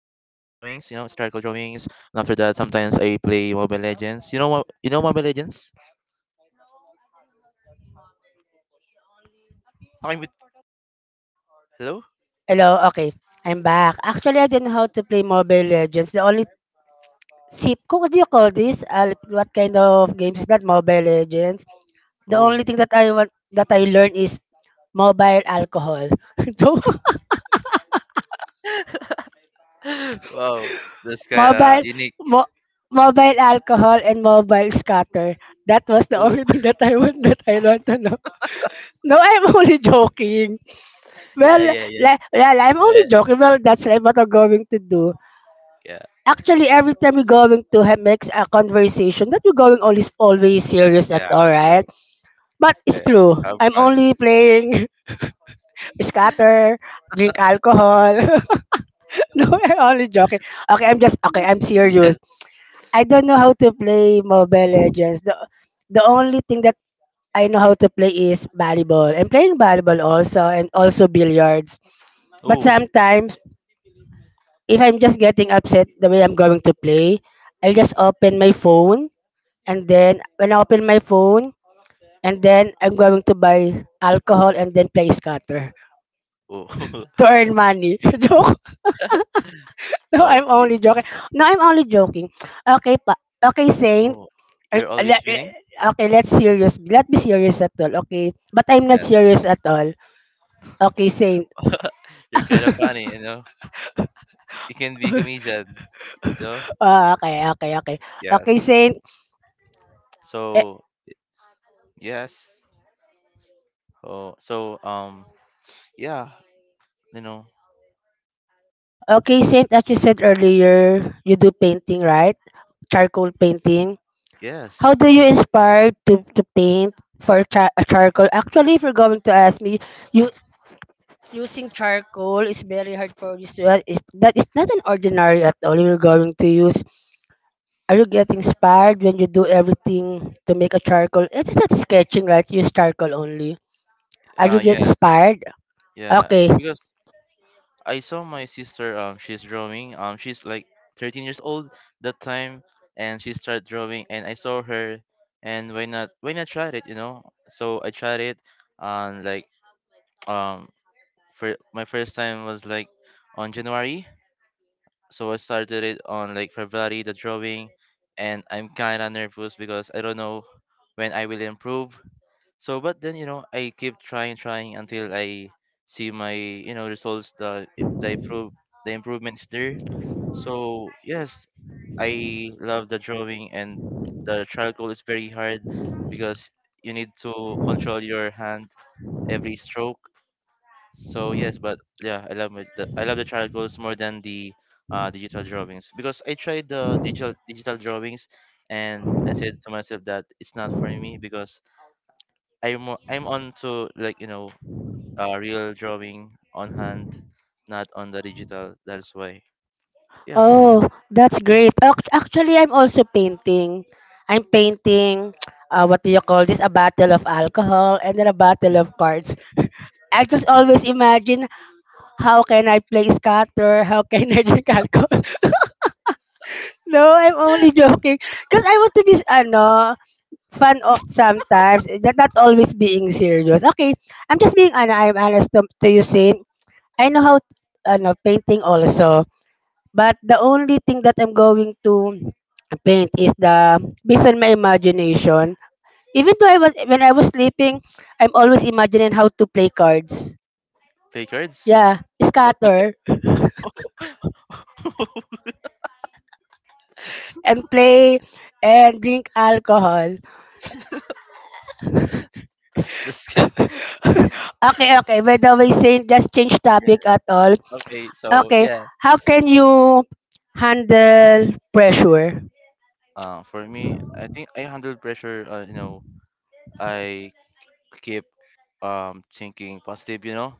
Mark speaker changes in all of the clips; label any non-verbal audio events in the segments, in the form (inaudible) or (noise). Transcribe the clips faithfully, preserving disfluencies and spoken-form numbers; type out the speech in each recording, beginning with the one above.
Speaker 1: historical drawings. And after that, sometimes I play Mobile Legends. You know what? You know Mobile Legends? Talking with hello?
Speaker 2: Hello, okay. I'm back. Actually, I don't know how to play Mobile Legends. The only sip, what do you call this? Uh, like, what kind of games is that? Mobile Legends. The
Speaker 1: Oh,
Speaker 2: only thing that I want that I learned is mobile alcohol. (laughs) So,
Speaker 1: (laughs) wow, that's kind of
Speaker 2: mobile,
Speaker 1: unique.
Speaker 2: mo- mobile alcohol and mobile scatter. That was the only
Speaker 1: Oh,
Speaker 2: thing that I want that I want to know. No, I'm (laughs) only joking.
Speaker 1: (laughs)
Speaker 2: Well,
Speaker 1: yeah, yeah, yes,
Speaker 2: li- well, I'm only
Speaker 1: yeah,
Speaker 2: joking. Well, that's right what I'm going to do.
Speaker 1: yeah,
Speaker 2: Actually, every time we're going to have makes a conversation that we're going always always serious at
Speaker 1: yeah,
Speaker 2: all,
Speaker 1: you
Speaker 2: right?
Speaker 1: know,
Speaker 2: But it's
Speaker 1: yeah,
Speaker 2: true.
Speaker 1: have
Speaker 2: I'm
Speaker 1: fun.
Speaker 2: only playing (laughs) scatter, drink alcohol. (laughs) No, I'm only joking. Okay, I'm just okay. I'm
Speaker 1: (laughs)
Speaker 2: serious.
Speaker 1: Yes.
Speaker 2: I don't know how to play Mobile Legends. The the only thing that I know how to play is volleyball. I'm playing volleyball also and also billiards. But
Speaker 1: Oh,
Speaker 2: sometimes if I'm just getting upset the way I'm going to play, I'll just open my phone and then when I open my phone, and then I'm going to buy alcohol and then play scatter
Speaker 1: oh,
Speaker 2: to earn money. (laughs) Joke. No,
Speaker 1: (laughs) oh,
Speaker 2: I'm only joking. No, I'm only joking. Okay, pa. Okay, Saint.
Speaker 1: oh,
Speaker 2: Uh,
Speaker 1: you're always
Speaker 2: le- le-
Speaker 1: winning?
Speaker 2: Okay, let's serious. Let be serious at all. Okay, but I'm not
Speaker 1: Yes.
Speaker 2: serious at all. Okay, Saint.
Speaker 1: (laughs) You're kind of funny, you know. You can be a
Speaker 2: (laughs)
Speaker 1: comedian, you know?
Speaker 2: Ah, okay, okay, okay. Okay,
Speaker 1: Yes.
Speaker 2: Saint. Eh,
Speaker 1: So, yes. Oh, so um yeah, you know.
Speaker 2: Okay, Saint. As you said earlier, you do painting, right? Charcoal painting. How
Speaker 1: Yes.
Speaker 2: do you inspire to, to paint for char- uh, charcoal? Actually, if you're going to ask me, you using charcoal is very hard for you to uh, is that is not an ordinary at all. You're going to use. Are you getting inspired when you do everything to make a charcoal? It is not sketching, right? Use charcoal only. Are
Speaker 1: Uh
Speaker 2: you get
Speaker 1: yes.
Speaker 2: inspired?
Speaker 1: Yeah,
Speaker 2: Okay.
Speaker 1: because I saw my sister um she's drawing. Um she's like thirteen years old that time, and she started drawing and I saw her, and why not why not try it, you know? So I tried it on like um for my first time was like on January. So I started it on like February, the drawing, and I'm kinda nervous because I don't know when I will improve. So but then you know I keep trying trying until I see my you know results, the the improve the improvements there. So yes, I love the drawing, and the charcoal is very hard because you need to control your hand every stroke. So yes, but yeah, I love my, the, I love the child goals more than the uh, digital drawings, because I tried the digital digital drawings, and I said to myself that it's not for me because I'm mo- I'm on to like you know uh, real drawing on hand, not on the digital. That's why yeah,
Speaker 2: Oh, that's great. Ac- Actually, I'm also painting. I'm painting. Uh, what do you call this? A bottle of alcohol and then a bottle of cards. I just always imagine how can I play scatter, how can I drink alcohol. (laughs) No, I'm only joking. Because I want to be ano, fun o- sometimes, eh, that not always being serious. Okay, I'm just being ano, I'm honest to, to you, Sin. I know how ano, painting also, but the only thing that I'm going to paint is the based on my imagination. Even though I was when I was sleeping, I'm always imagining how to play cards.
Speaker 1: play cards.
Speaker 2: Yeah,
Speaker 1: What what?
Speaker 2: scatter.
Speaker 1: ca- (laughs)
Speaker 2: And play and drink alcohol.
Speaker 1: the skill.
Speaker 2: (laughs) Okay, okay. By the way, Saint, just change topic
Speaker 1: Yeah.
Speaker 2: at all.
Speaker 1: Okay, so
Speaker 2: Okay,
Speaker 1: yeah,
Speaker 2: how can you handle pressure?
Speaker 1: uh, for me, I think I handled pressure. Uh, you know, I keep um thinking positive, you know?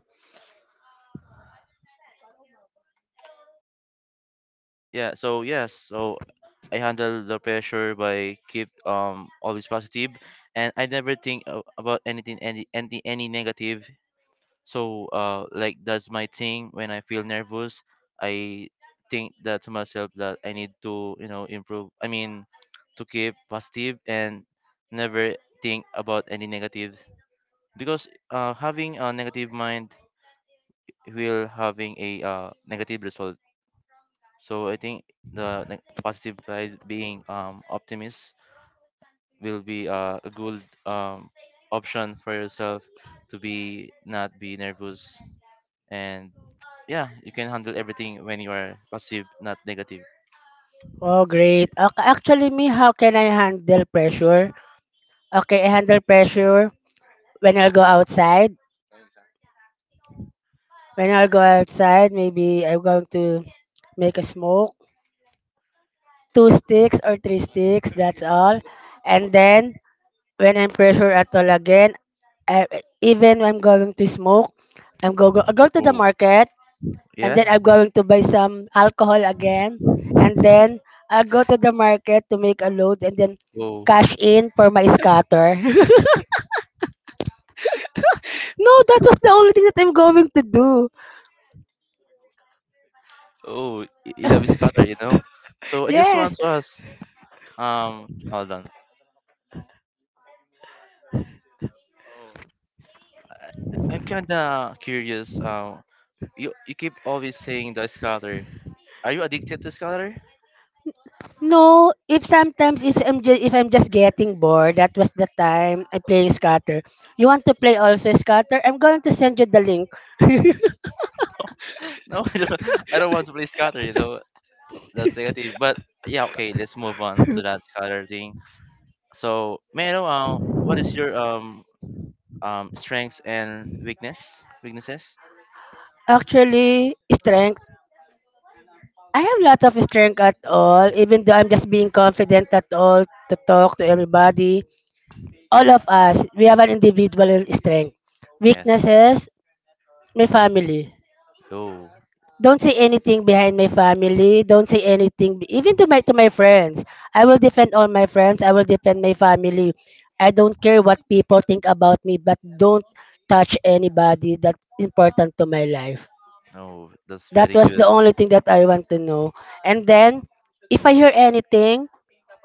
Speaker 1: Yeah, so yes, so I handle the pressure by keep um always positive, and I never think a- about anything, any any any negative. So uh like, that's my thing. When I feel nervous, I think that to myself, that I need to, you know, improve. I mean, to keep positive and never think about any negative, because uh having a negative mind will having a uh, negative result. So I think the ne- positive side, being um, optimist, will be uh, a good um, option for yourself to be not be nervous, and yeah, you can handle everything when you are positive, not negative.
Speaker 2: Oh, great. Okay, actually, me, how can I handle pressure? Okay, I handle pressure when I'll go outside. When I'll go outside, maybe I'm going to make a smoke, two sticks or three sticks, that's all. And then, when I'm pressure at all again, I, even when I'm going to smoke, I'm go, go I go to the
Speaker 1: Oh
Speaker 2: market and
Speaker 1: yeah.
Speaker 2: then I'm going to buy some alcohol again, and then I go to the market to make a load and then
Speaker 1: Oh,
Speaker 2: cash in for my scatter. (laughs) No, that was the only thing that I'm going to do.
Speaker 1: oh, y- you love is cutter, you know. So I just want
Speaker 2: Yes.
Speaker 1: to ask. Um, hold on. Oh, I, I'm kinda curious. Um, you you keep always saying the scatter. Are you addicted to scatter?
Speaker 2: No, if sometimes if I'm just, if I'm just getting bored, that was the time I play scatter. You want to play also scatter? I'm going to send you the link. (laughs)
Speaker 1: (laughs) No, I don't, I don't want to play scatter, you know, that's negative. But yeah, okay, let's move on to that scatter thing. So, may I know uh, what is your um um strengths and weakness weaknesses?
Speaker 2: Actually, strength. I have lots of strength at all, even though I'm just being confident at all to talk to everybody. All of us, we have an individual strength.
Speaker 1: Yes.
Speaker 2: Weaknesses, my family.
Speaker 1: Oh,
Speaker 2: Don't
Speaker 1: y-
Speaker 2: say anything behind my family. Don't say anything, be- even to my to my friends. I will defend all my friends. I will defend my family. I don't care what people think about me, but don't touch anybody that's important to my life.
Speaker 1: no, that's
Speaker 2: That
Speaker 1: very
Speaker 2: was
Speaker 1: good.
Speaker 2: the only thing that I want to know. And then, if I hear anything,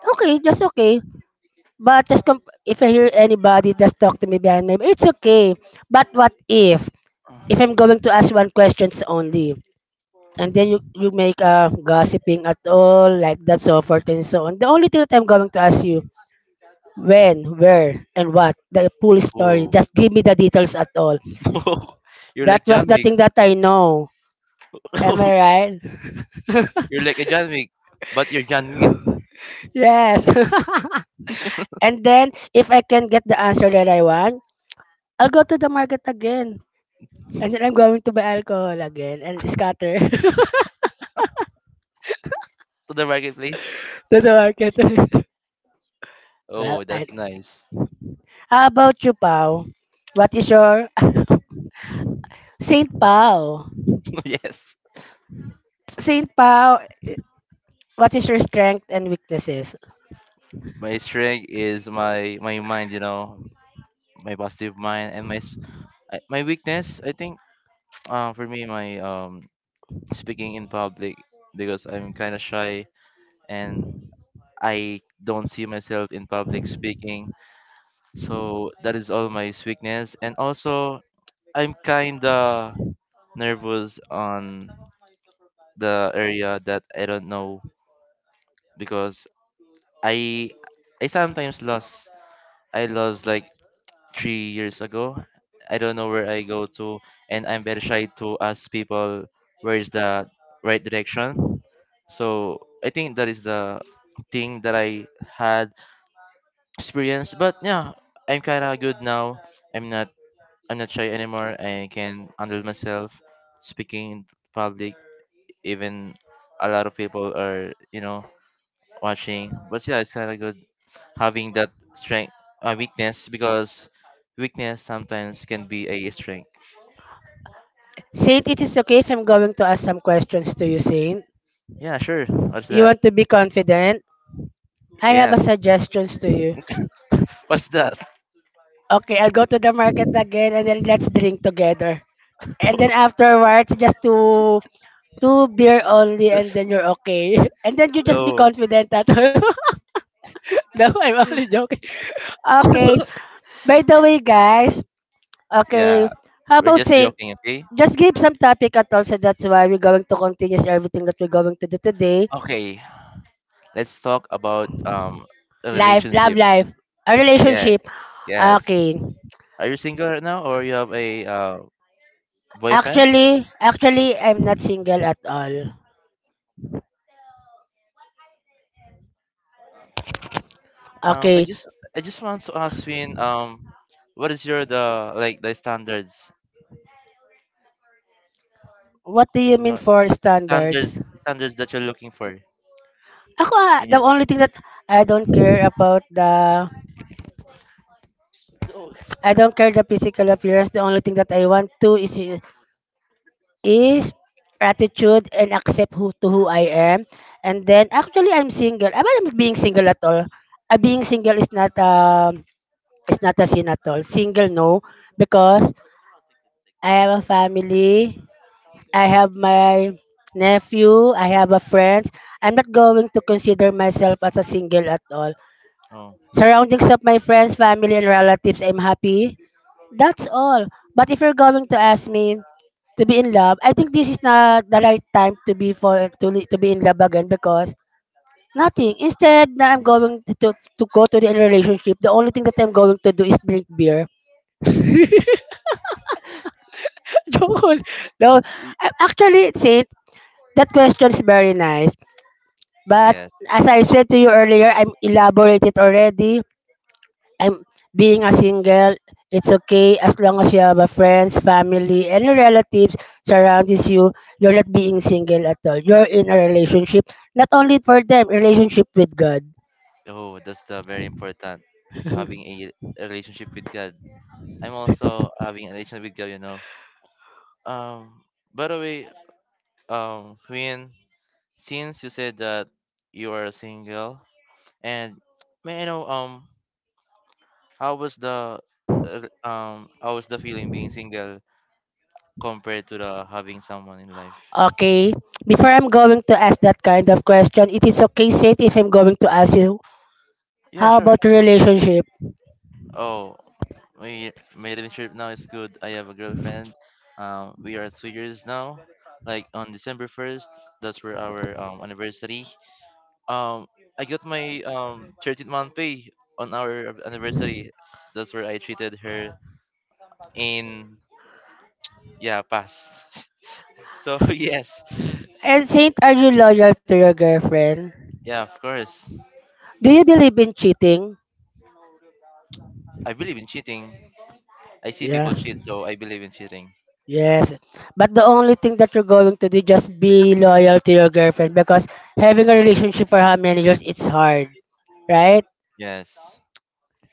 Speaker 2: okay, that's okay. But just comp- if I hear anybody just talk to me behind my it's okay. But what if if I'm going to ask one questions only and then you, you make uh gossiping at all like that so forth and so on. The only thing that I'm going to ask you when, where, and what the full story.
Speaker 1: Oh,
Speaker 2: Just give me the details at all.
Speaker 1: (laughs) you're
Speaker 2: That
Speaker 1: like
Speaker 2: was
Speaker 1: John
Speaker 2: the
Speaker 1: Wick.
Speaker 2: thing that I know. Am I
Speaker 1: (laughs)
Speaker 2: right? (laughs)
Speaker 1: You're like a John Wick, but you're John Win
Speaker 2: Yes. (laughs) And then if I can get the answer that I want, I'll go to the market again. And then I'm going to buy alcohol again and scatter (laughs) to
Speaker 1: to the marketplace.
Speaker 2: the market. (laughs) well,
Speaker 1: Oh,
Speaker 2: I,
Speaker 1: that's nice.
Speaker 2: how about you, Pau? What is your (laughs) Saint Pau?
Speaker 1: (laughs) Yes.
Speaker 2: Saint Pau, what is your strength and weaknesses?
Speaker 1: My strength is my my mind, you know. My positive mind and my s- I- my weakness, I think, uh, for me, my um speaking in public, because I'm kind of shy and I don't see myself in public speaking, so that is all my weakness. And also, I'm kind of nervous on the area that I don't know, because i i sometimes lost. I lost like three years ago. I don't know where I go to, and I'm very shy to ask people where is the right direction. So I think that is the thing that I had experience. But yeah, I'm kinda good now. I'm not I'm not shy anymore. I can handle myself speaking in public. Even a lot of people are you know watching. But yeah, it's kinda good having that strength, uh, weakness, because weakness sometimes can be a strength.
Speaker 2: Saint, it is okay if I'm going to ask some questions to you, Saint.
Speaker 1: Yeah, sure, what's
Speaker 2: You
Speaker 1: that?
Speaker 2: want to be confident? I have a
Speaker 1: Yes.
Speaker 2: suggestions to you.
Speaker 1: (laughs) What's that?
Speaker 2: Okay, I'll go to the market again and then let's drink together. And then afterwards, just two two beer only, and
Speaker 1: (laughs)
Speaker 2: then you're okay. (laughs) And then you just be
Speaker 1: Oh
Speaker 2: confident at (laughs) all. (laughs) No, I'm only joking. Okay. By the way, guys. Okay.
Speaker 1: yeah.
Speaker 2: How
Speaker 1: We're
Speaker 2: about
Speaker 1: just
Speaker 2: saying,
Speaker 1: joking, okay.
Speaker 2: just give some topic at all. So that's why we're going to continue everything that we're going to do today.
Speaker 1: Okay, let's talk about um a
Speaker 2: Life, love
Speaker 1: relationship.
Speaker 2: life, a
Speaker 1: Yeah,
Speaker 2: relationship.
Speaker 1: yes.
Speaker 2: Okay.
Speaker 1: Are you single right now, or you have a uh, boyfriend?
Speaker 2: Actually, actually, I'm not single at all.
Speaker 1: um i
Speaker 2: Okay.
Speaker 1: just i just want to ask Win, um what is your the like the standards?
Speaker 2: What do you
Speaker 1: you
Speaker 2: mean
Speaker 1: know
Speaker 2: for
Speaker 1: standards
Speaker 2: standards?
Speaker 1: standards that you're looking for
Speaker 2: Ako, ah, the
Speaker 1: in
Speaker 2: only thing that I don't care about the
Speaker 1: your
Speaker 2: I don't care the physical appearance. The only thing that I want to is is attitude and accept who to who I am. And then actually I'm single. I'm not being single at all. Uh, being single is not um is not a sin at all. Single no because I have a family. I have my nephew. I have a friends. I'm not going to consider myself as a single at all. Surroundings of my friends, family, and relatives, I'm happy. That's all. But if you're going to ask me to be in love, I think this is not the right time to be for to li- to be in love again because nothing. Instead, na I'm going to to go to the relationship. The only thing that I'm going to do is drink beer. (laughs) Joke. No,
Speaker 1: Y-
Speaker 2: I actually said that question is very nice, but
Speaker 1: yes.
Speaker 2: as I said to you earlier, I'm elaborated already. I'm being a single, it's okay as long as you have a friends, family, and your relatives surrounds you. You're not being single at all. You're in a relationship, not only for them, relationship with God.
Speaker 1: Oh, that's the very important, having
Speaker 2: (laughs)
Speaker 1: a, a relationship with God. I'm also having a relationship with God, you know. Um, by the way, um, Queen, since you said that you are single, and may I know, um, how was the, uh, um, how was the feeling being single compared to the having someone in life?
Speaker 2: Okay. Before I'm going to ask that kind of question, it is okay, Saint, if I'm going to ask you,
Speaker 1: Yeah,
Speaker 2: how
Speaker 1: sure.
Speaker 2: about your relationship?
Speaker 1: Oh, my my relationship now is good. I have a girlfriend. Um, we are two years now. Like on December first, that's where our um anniversary. Um, I got my um thirteenth month pay on our anniversary. That's where I treated her in yeah pass. (laughs) So (laughs) yes,
Speaker 2: And Saint, are you loyal to your girlfriend?
Speaker 1: yeah, of course.
Speaker 2: Do you believe in cheating?
Speaker 1: I believe in cheating. I see
Speaker 2: Yeah.
Speaker 1: people cheat, so I believe in cheating.
Speaker 2: Yes, but the only thing that you're going to do just be loyal to your girlfriend because having a relationship for how many years it's hard, right?
Speaker 1: Yes.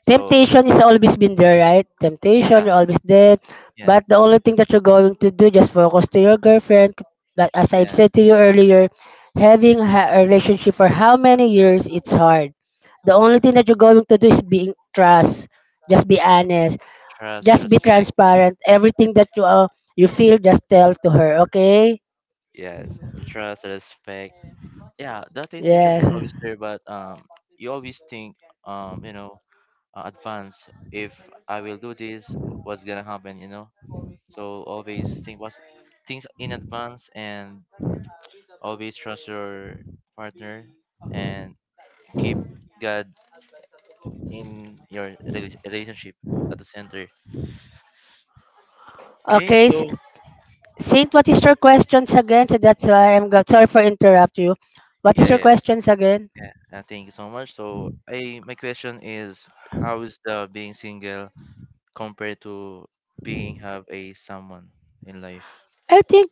Speaker 1: So
Speaker 2: Temptation is always been there, right? Temptation,
Speaker 1: yeah,
Speaker 2: you're always there.
Speaker 1: yeah,
Speaker 2: But the only thing that you're going to do just focus to your girlfriend. But as I've
Speaker 1: yeah,
Speaker 2: said to you earlier, having ha- a relationship for how many years it's hard. The only
Speaker 1: yeah.
Speaker 2: thing that you're going to do is being trust. Just be honest.
Speaker 1: Trust,
Speaker 2: Just be
Speaker 1: respect.
Speaker 2: transparent. Everything that you uh, you feel, just tell to her. Okay?
Speaker 1: Yes, the trust, the respect. Yeah, that intention is
Speaker 2: Yeah.
Speaker 1: always there, but um, you always think um, you know, uh, advance. If I will do this, what's gonna happen? You know, so always think what's things in advance, and always trust your partner, and keep God in your rela- relationship at the center. Okay,
Speaker 2: Okay,
Speaker 1: so
Speaker 2: S- Saint, what is your questions again? So that's why I'm go- sorry for interrupt you. What is
Speaker 1: yeah,
Speaker 2: your
Speaker 1: yeah.
Speaker 2: questions again?
Speaker 1: Yeah, uh, thank you so much. So, I my question is, how is the being single compared to being have a someone in life?
Speaker 2: I think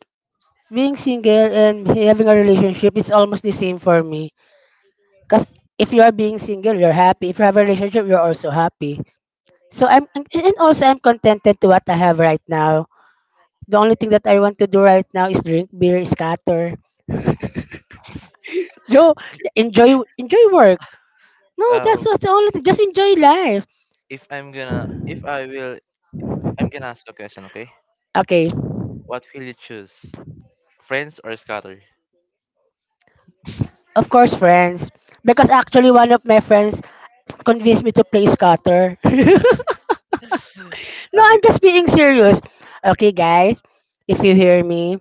Speaker 2: being single and having a relationship is almost the same for me. Cause if you are being single, you're happy. If you have a relationship, you're also happy. So I'm and and also I'm contented to what I have right now. The only thing that I want to do right now is drink beer, scatter. Joe, enjoy enjoy work. No, that's
Speaker 1: Uh,
Speaker 2: just the only thing. Just enjoy life.
Speaker 1: if I'm gonna, if I will, I'm gonna ask you a question, okay?
Speaker 2: Okay,
Speaker 1: What will you choose, friends or scatter?
Speaker 2: of course, friends. Because actually, one of my friends convinced me to play scatter. (laughs) No,
Speaker 1: Have
Speaker 2: I'm
Speaker 1: you,
Speaker 2: just being serious. Okay, guys, if you hear me,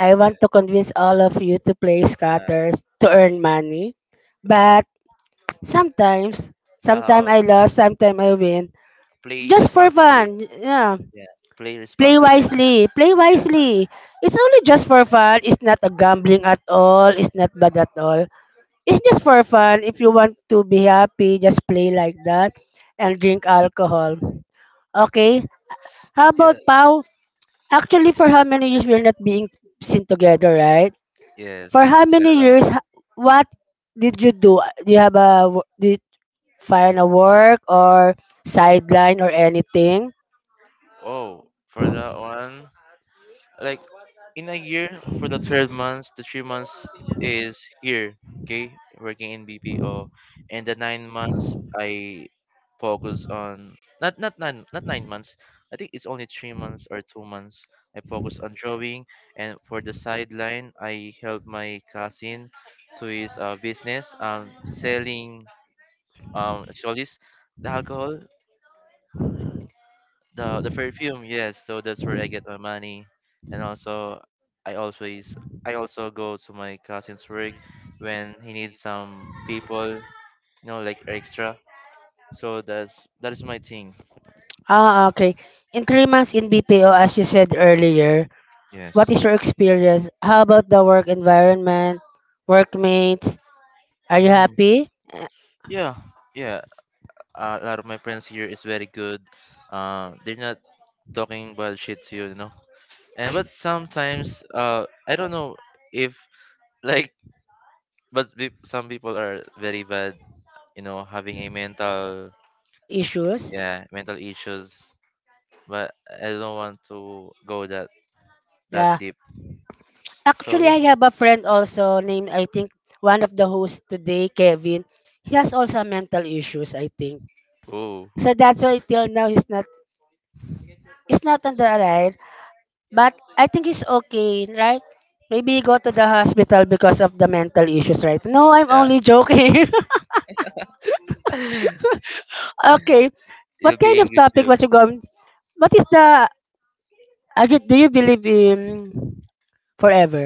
Speaker 2: I
Speaker 1: yeah,
Speaker 2: want to convince all of you to play scatters to earn money. But sometimes,
Speaker 1: uh,
Speaker 2: sometimes
Speaker 1: uh,
Speaker 2: I lose, sometimes I win.
Speaker 1: play
Speaker 2: Just for
Speaker 1: responsibly.
Speaker 2: fun. Yeah.
Speaker 1: Yeah, play
Speaker 2: Play
Speaker 1: responsibly.
Speaker 2: wisely. Play
Speaker 1: Yeah,
Speaker 2: wisely. It's only just for fun. It's not a gambling at all. It's not bad at all. It's just for fun. If you want to be happy, just play like that and drink alcohol. Okay? How about
Speaker 1: yeah,
Speaker 2: Pau? Actually, for how many years we're not being seen together, right?
Speaker 1: yes.
Speaker 2: For how
Speaker 1: It's been
Speaker 2: many
Speaker 1: a long.
Speaker 2: years, h- what did you do? Do you have a, wo- did you find a work or sideline or anything?
Speaker 1: Oh, for that one, like in a year, for the twelve months, the three months is here, okay, working in B P O, and the nine months I focus on not not nine, not nine months. I think it's only three months or two months. I focus on drawing, and for the sideline, I help my cousin to his uh, business, um, selling um, actually the alcohol, the the perfume. Yes, so that's where I get my money. And also, i always I also go to my cousin's work when he needs some people, you know like extra. So that's that is my thing.
Speaker 2: Ah, okay. In three months in B P O, as you said earlier, what
Speaker 1: Yes.
Speaker 2: is your experience? How about the work environment, workmates? Are you
Speaker 1: Mm.
Speaker 2: happy? Uh,
Speaker 1: Yeah, yeah, a lot of my friends here is very good. Uh they're not talking about shit to you, you know and but sometimes uh I don't know if, like, but peop- some people are very bad, you know having a mental,
Speaker 2: Issues?
Speaker 1: yeah, mental issues, but I don't want to go that that
Speaker 2: Yeah.
Speaker 1: deep. So
Speaker 2: Actually,
Speaker 1: yeah.
Speaker 2: I have a friend also named, I think, one of the hosts today, Kevin. He has also mental issues, I think.
Speaker 1: Oh
Speaker 2: So that's why till now he's not he's not on the ride. But I think he's okay, right? Maybe he go to the hospital because of the mental issues, right? No, I'm
Speaker 1: yeah.
Speaker 2: only joking. (laughs)
Speaker 1: (laughs)
Speaker 2: Okay.
Speaker 1: You will
Speaker 2: What
Speaker 1: be
Speaker 2: kind of
Speaker 1: angry
Speaker 2: topic
Speaker 1: too.
Speaker 2: was you going? What is the I ju- do you believe in forever?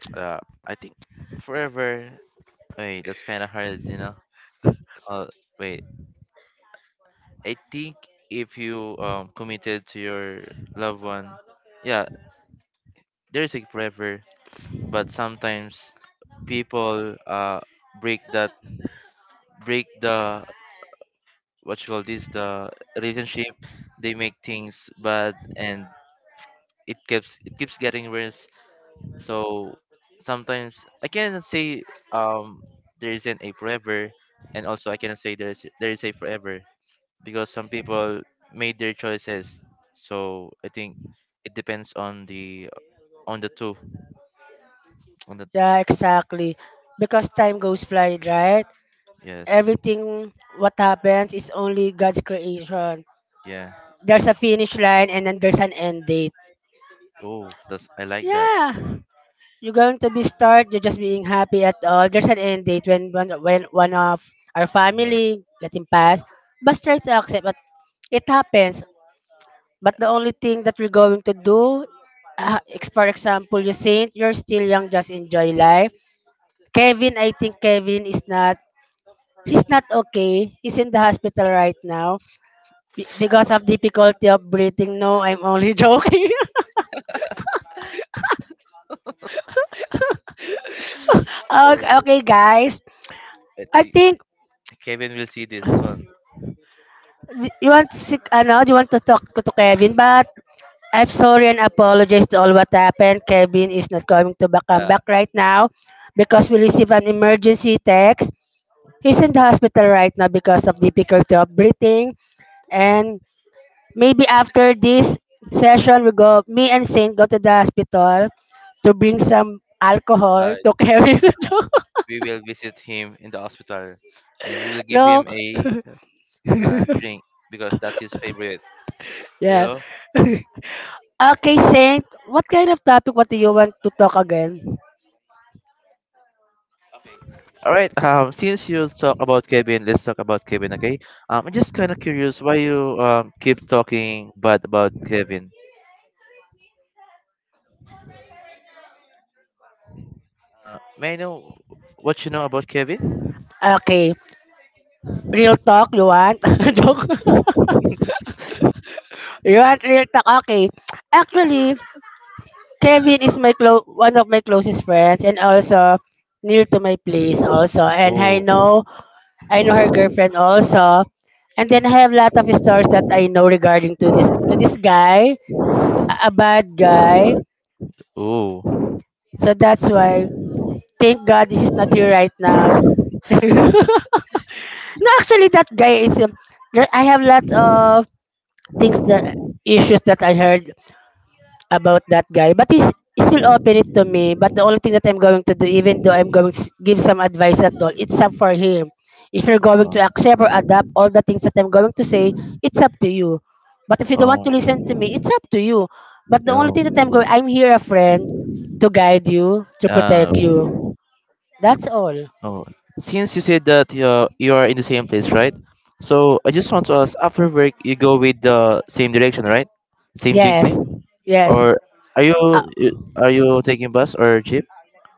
Speaker 1: (tsk) uh I think forever, wait, that's kind of hard, you know uh wait, I think if you um committed to your loved one, yeah, there's a forever. But sometimes people uh break that break the, what you call this, the relationship. They make things bad, and it keeps it keeps getting worse. So sometimes I cannot say, um there isn't a forever, and also I cannot say there's there is a forever, because some people made their choices. So I think it depends on the, on the two on the,
Speaker 2: Yeah, exactly. Because time goes fly, right?
Speaker 1: yes,
Speaker 2: Everything what happens is only God's creation.
Speaker 1: yeah.
Speaker 2: There's a finish line and then there's an end date.
Speaker 1: Oh, that's, I like that.
Speaker 2: Yeah. You're going to be start, you're just being happy at all. There's an end date when one when one of our
Speaker 1: Yeah.
Speaker 2: family let him pass. But try to accept that it happens. But the only thing that we're going to do, uh, ex- for example, you saint, you're still young, just enjoy life. Kevin, I think Kevin is not, he's not okay. He's in the hospital right now be- because of difficulty of breathing. No, I'm only (laughs) joking. Okay,
Speaker 1: Oh,
Speaker 2: okay, guys.
Speaker 1: I
Speaker 2: I
Speaker 1: think
Speaker 2: think
Speaker 1: Kevin will see this one.
Speaker 2: d- you want to, si- ano, you want to talk to to Kevin, but I'm sorry and apologize to all what happened. Kevin is not going to ba- come
Speaker 1: Uh,
Speaker 2: back right now because we received an emergency text. He's in the hospital right now because of difficulty of breathing. And maybe after this session, we go, me and Saint go to the hospital to bring some alcohol
Speaker 1: uh,
Speaker 2: to carry.
Speaker 1: we will visit him in the hospital, and we will
Speaker 2: (laughs)
Speaker 1: give
Speaker 2: No.
Speaker 1: him a
Speaker 2: (laughs)
Speaker 1: uh, drink, because that's his favorite. You
Speaker 2: Yeah.
Speaker 1: know.
Speaker 2: Okay, Saint, what kind of topic what do you want to talk again?
Speaker 1: All right. Um, since you talk about Kevin, let's talk about Kevin. Okay. Um, I'm just kind of curious why you um keep talking bad about Kevin. Uh, may I know what you know about Kevin?
Speaker 2: Okay. Real talk you want? (laughs) Joke. You want real talk? Okay. Actually, Kevin is my clo- one of my closest friends and also near to my place also, and I
Speaker 1: Oh,
Speaker 2: know I know her girlfriend also. And then I have a lot of stories that I know regarding to this to this guy, a a bad guy.
Speaker 1: oh,
Speaker 2: So that's why thank God he's not here right now. (laughs) No, actually that guy is um, there- I have lots of things that issues that I heard about that guy, but he's still open it to me. But the only thing that I'm going to do, even though I'm going to give some advice at all, it's up for him. If you're going
Speaker 1: uh,
Speaker 2: to accept or adapt all the things that I'm going to say, it's up to you. But if you don't want to
Speaker 1: oh,
Speaker 2: listen to me, it's up to you. But the only thing that I'm going,
Speaker 1: oh.
Speaker 2: I'm here a friend to guide you, to
Speaker 1: Uh,
Speaker 2: protect you. That's all.
Speaker 1: oh, since you said that uh, you are in the same place, right? So I just want to ask, after work, you go with the same direction, right? Same jeepney,
Speaker 2: Yes, yes.
Speaker 1: or are you
Speaker 2: Uh,
Speaker 1: you- are you taking bus or jeep?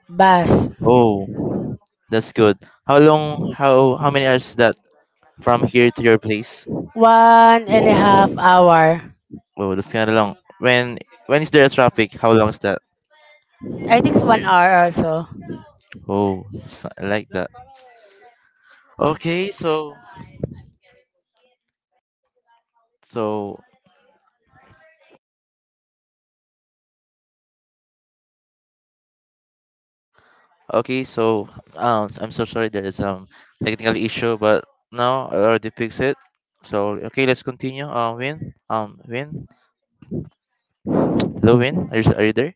Speaker 2: bus.
Speaker 1: Oh, that's good. How long? How how many hours is that from here to your place?
Speaker 2: One and a half hour.
Speaker 1: Oh, that's kind of long. When when is there traffic? How long is that?
Speaker 2: I think it's one hour also.
Speaker 1: Oh, that's- I like that. Okay, so so okay, so um, I'm so sorry, there is some technical issue, but now I already fixed it. So okay, let's continue. Um, Win, um, Win, hello Win, are you, are you there?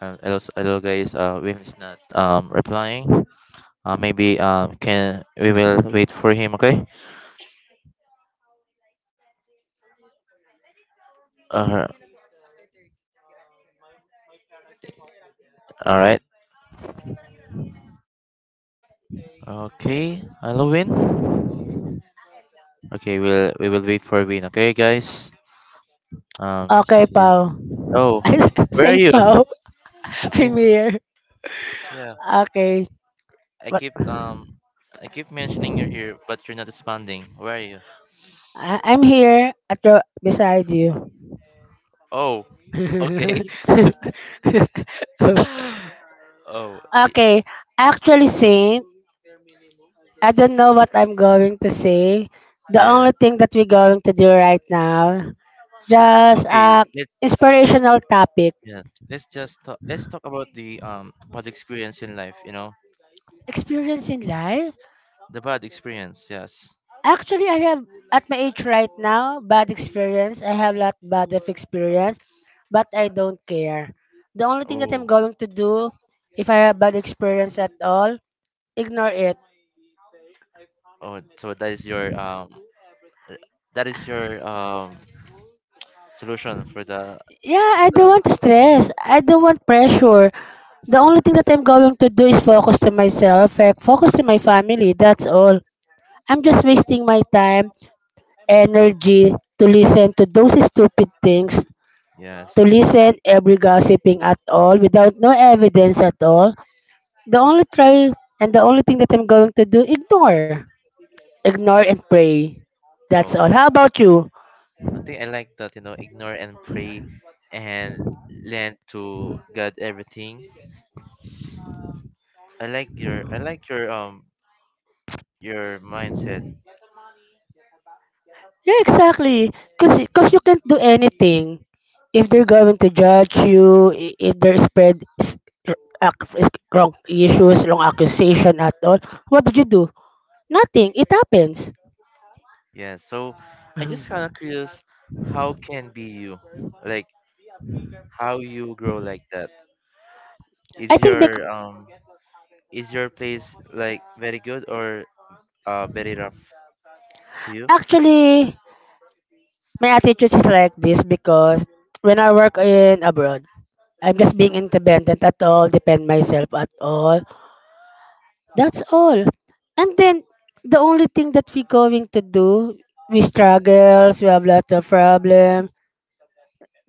Speaker 1: Um, hello, s- hello guys. Uh, Win is not um replying. Uh, maybe um can we will wait for him. Okay. Uh, all right. Okay. Hello Win. Okay, we'll we will wait for Win. Okay, guys. Um,
Speaker 2: Okay,
Speaker 1: she's,
Speaker 2: Pao.
Speaker 1: oh,
Speaker 2: (laughs)
Speaker 1: where are
Speaker 2: Saint
Speaker 1: you?
Speaker 2: Pao. I'm
Speaker 1: Sin-
Speaker 2: here.
Speaker 1: yeah.
Speaker 2: Okay.
Speaker 1: I
Speaker 2: What?
Speaker 1: keep um I keep mentioning you're here, but you're not responding. Where are you?
Speaker 2: I- I'm here at your, beside you.
Speaker 1: Oh,
Speaker 2: (laughs)
Speaker 1: okay. (laughs) Oh, i-
Speaker 2: Okay. Actually, Saint, I don't know what I'm going to say. The
Speaker 1: yeah.
Speaker 2: only thing that we're going to do right now, just
Speaker 1: Okay,
Speaker 2: uh,
Speaker 1: let's
Speaker 2: inspirational topic.
Speaker 1: yeah, Let's just talk, let's talk about the um bad experience in life. You know,
Speaker 2: Experience in life.
Speaker 1: the bad experience. Yes.
Speaker 2: Actually, I have at my age right now bad experience. I have lot bad of experience, but I don't care. The only thing that I'm
Speaker 1: Oh,
Speaker 2: going to do if I have bad experience at all, ignore it.
Speaker 1: oh. So that is your um uh, that is your um solution for the
Speaker 2: Yeah, I
Speaker 1: for the
Speaker 2: don't want
Speaker 1: experience.
Speaker 2: stress. I don't want pressure. The only thing that I'm going to do is focus to myself, eh, focus to my family. That's all. I'm just wasting my time, energy to listen to those stupid things, to
Speaker 1: Yes.
Speaker 2: listen every gossiping at all without no evidence at all. The only try and the only thing that I'm going to do, ignore. Ignore and pray. That's
Speaker 1: Oh,
Speaker 2: all. How about you?
Speaker 1: I think I like that, you know, ignore and pray and lend to God everything. I like your I like your um your mindset.
Speaker 2: Yeah, exactly. Cause, y- Cause you can't do anything. If they're going to judge you, i- if they're spread s- r- ac- is- wrong issues, wrong accusation at all, what did you do? Nothing. It happens.
Speaker 1: Yeah, so I just kind
Speaker 2: Mhm.
Speaker 1: of curious how can be you? Like how you grow like that?
Speaker 2: I
Speaker 1: Is
Speaker 2: think bec-
Speaker 1: your um is your place like very good or uh very rough to you?
Speaker 2: Actually my attitude is like this because when I work in abroad, I'm just being independent at all, depend myself at all. That's all. And then the only thing that we're going to do, we struggles, we have lots of problem.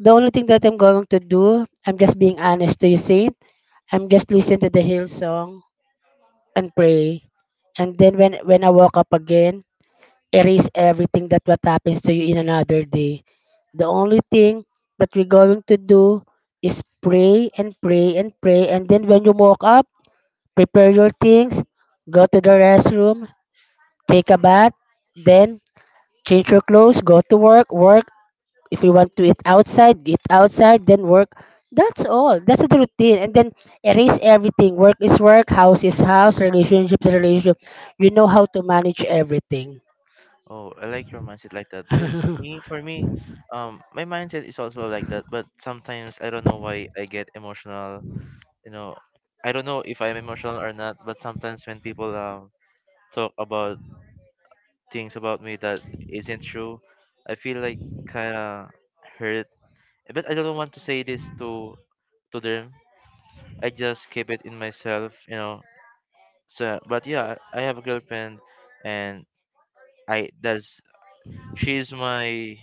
Speaker 2: The only thing that I'm going to do, I'm just being honest to you, Saint. I'm just listening to the hill song and pray. And then when when I woke up again, erase everything that what happens to you in another day. The only thing that we're going to do is pray and pray and pray. And then when you woke up, prepare your things, go to the restroom, take a bath, then change your clothes, go to work, work. If you want to eat outside, eat outside, then work. That's all. That's the routine. And then erase everything. Work is work, house is house, relationship is relationship. You know how to manage everything.
Speaker 1: Oh, I like your mindset like that because me,
Speaker 2: (laughs)
Speaker 1: for me, um, my mindset is also like that. But sometimes I don't know why I get emotional. You know, I don't know if I'm emotional or not. But sometimes when people um talk about things about me that isn't true, I feel like kind of hurt. But I don't want to say this to to them. I just keep it in myself. You know. So, but yeah, I have a girlfriend, and I that's she's my,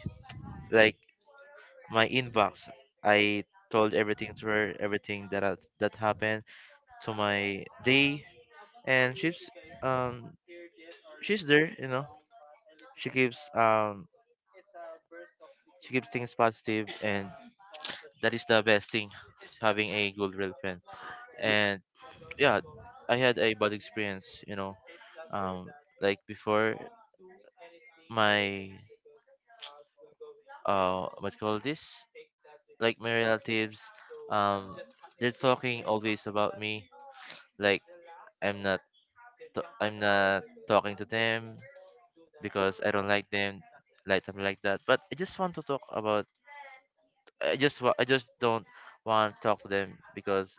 Speaker 1: like, my inbox. I told everything to her, everything that ha- that happened to my day, and she's um she's there, you know. She keeps um she keeps things positive, and that is the best thing, having a good girlfriend. And yeah, I had a bad experience, you know. Um, like before, my uh what you call this, like my relatives um they're talking always about me, like i'm not t- i'm not talking to them because I don't like them, like something like that. But I just want to talk about. I just wa- i just don't want to talk to them because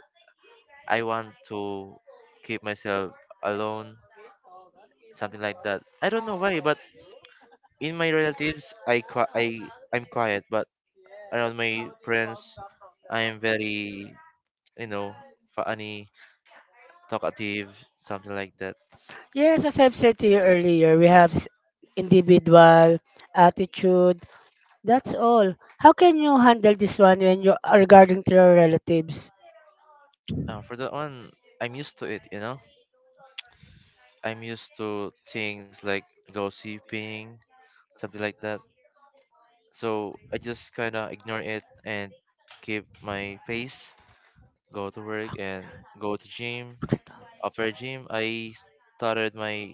Speaker 1: I want to keep myself alone, something like that. I don't know why, but in my relatives, I qui- I I'm quiet, but around my friends, I'm very you know funny, talkative, something like that.
Speaker 2: Yes, as I've said to you earlier, we have s- individual attitude. That's all. How can you handle this one when you are regarding to your relatives?
Speaker 1: Uh, for that one, I'm used to it. You know, I'm used to things like gossiping, something like that. So I just kind of ignore it and keep my face, go to work and go to gym.
Speaker 2: Bakit?
Speaker 1: After gym, I started my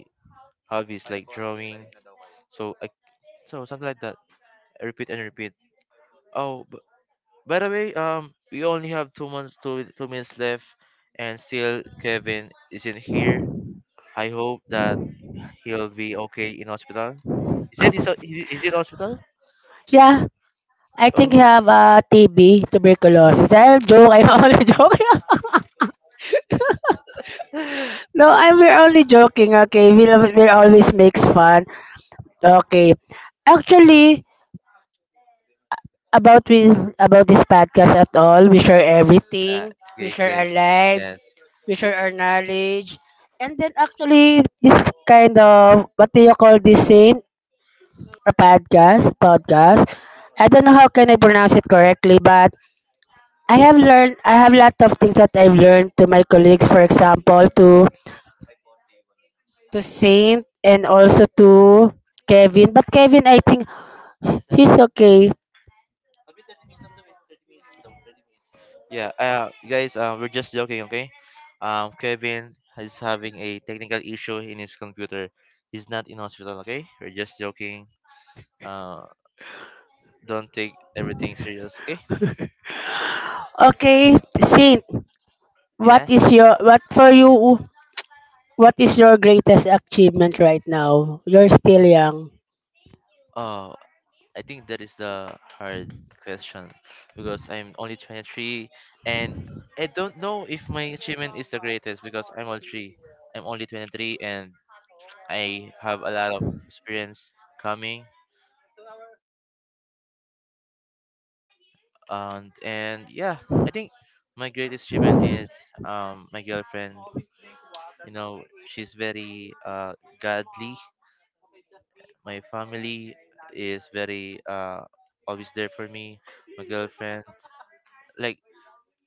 Speaker 1: hobbies like drawing. So I so something like that, repeat and repeat. Oh, b- by the way, um, we only have two months, two two minutes left, and still Kevin isn't here. I hope that he'll be okay in hospital. He said he's o- he- he's in hospital.
Speaker 2: Yeah, I think you
Speaker 1: Oh,
Speaker 2: have uh, T B, tuberculosis. I'm joke. I'm (laughs) only joking.
Speaker 1: (laughs) nah,
Speaker 2: No, I'm we're only joking. Okay, we love, we always makes fun. Okay, actually about we about this podcast at all. We share everything. We
Speaker 1: guys,
Speaker 2: share our
Speaker 1: guys,
Speaker 2: lives.
Speaker 1: yes,
Speaker 2: We share our knowledge. And then actually this kind of what do you call this scene? A podcast. Podcast. I don't know how can I pronounce it correctly, but I have learned I have lot of things that I've learned to my colleagues, for example, to to Saint and also to Kevin. But Kevin I think he's okay.
Speaker 1: It's- yeah. Uh, guys, uh, we're just joking, okay? Um, Kevin is having a technical issue in his computer. He's not in hospital, okay? We're just joking. Uh, don't take everything serious, okay?
Speaker 2: Okay, Saint, what
Speaker 1: Yes.
Speaker 2: is your what for you what is your greatest achievement right now? You're still young.
Speaker 1: Oh, I think that is the hard question because I'm only twenty-three and I don't know if my achievement is the greatest because I'm only three. I'm only twenty-three and I have a lot of experience coming. And and yeah, I think my greatest achievement is um my girlfriend. You know, she's very uh godly. My family is very uh always there for me. My girlfriend, like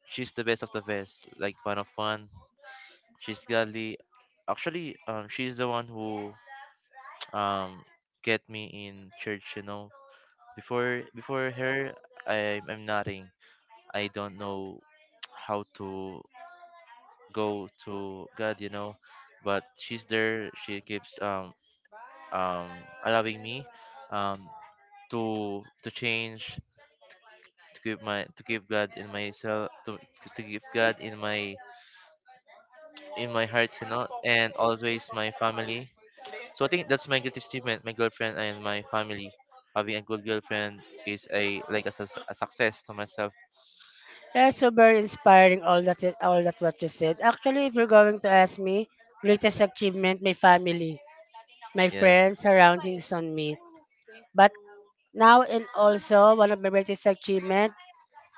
Speaker 1: she's the best of the best, like one of one. She's godly. Actually, um, she's the one who (tsk) um get me in church. You know, before before her, I I'm nothing. I don't know (tsk) how to go to God. You know, but she's there. She keeps um um allowing me um to to change to give my to give God in myself to, to give God in my in my heart you know and always my family, so I think that's my greatest achievement, my girlfriend and my family. Having a good girlfriend is a, like, a, sus- a success to myself.
Speaker 2: That's so very inspiring. All that, it- all that what you said. Actually, if you're going to ask me, greatest achievement, my family, my
Speaker 1: Yes.
Speaker 2: friends, surroundings on me. But now and also one of my greatest achievement,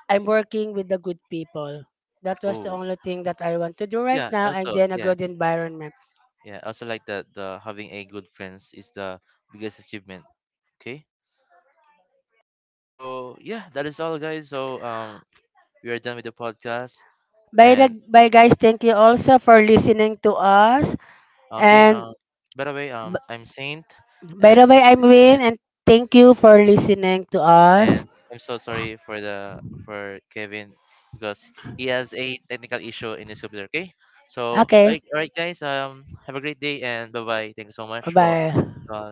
Speaker 2: I'm working with the good people. That was
Speaker 1: Oh,
Speaker 2: the only thing that I want to do right
Speaker 1: yeah,
Speaker 2: now, and
Speaker 1: also.
Speaker 2: then a
Speaker 1: yeah
Speaker 2: good environment.
Speaker 1: yeah also, like that, the having a good friends is the biggest achievement. Okay, so yeah, that is all, guys, so um we are done with the podcast.
Speaker 2: Bye, the,
Speaker 1: And
Speaker 2: bye guys. Thank you also for listening to us.
Speaker 1: okay.
Speaker 2: And
Speaker 1: Um. By the way, um,
Speaker 2: b-
Speaker 1: I'm Saint,
Speaker 2: by
Speaker 1: and
Speaker 2: the way, I'm
Speaker 1: this been,
Speaker 2: Win, and thank you for listening to
Speaker 1: and
Speaker 2: us.
Speaker 1: I'm so sorry for the for Kevin because he has a technical issue in his computer. Okay. So, all
Speaker 2: Okay.
Speaker 1: right, all right guys. Um, have a great day and bye bye. Thank you so much for uh,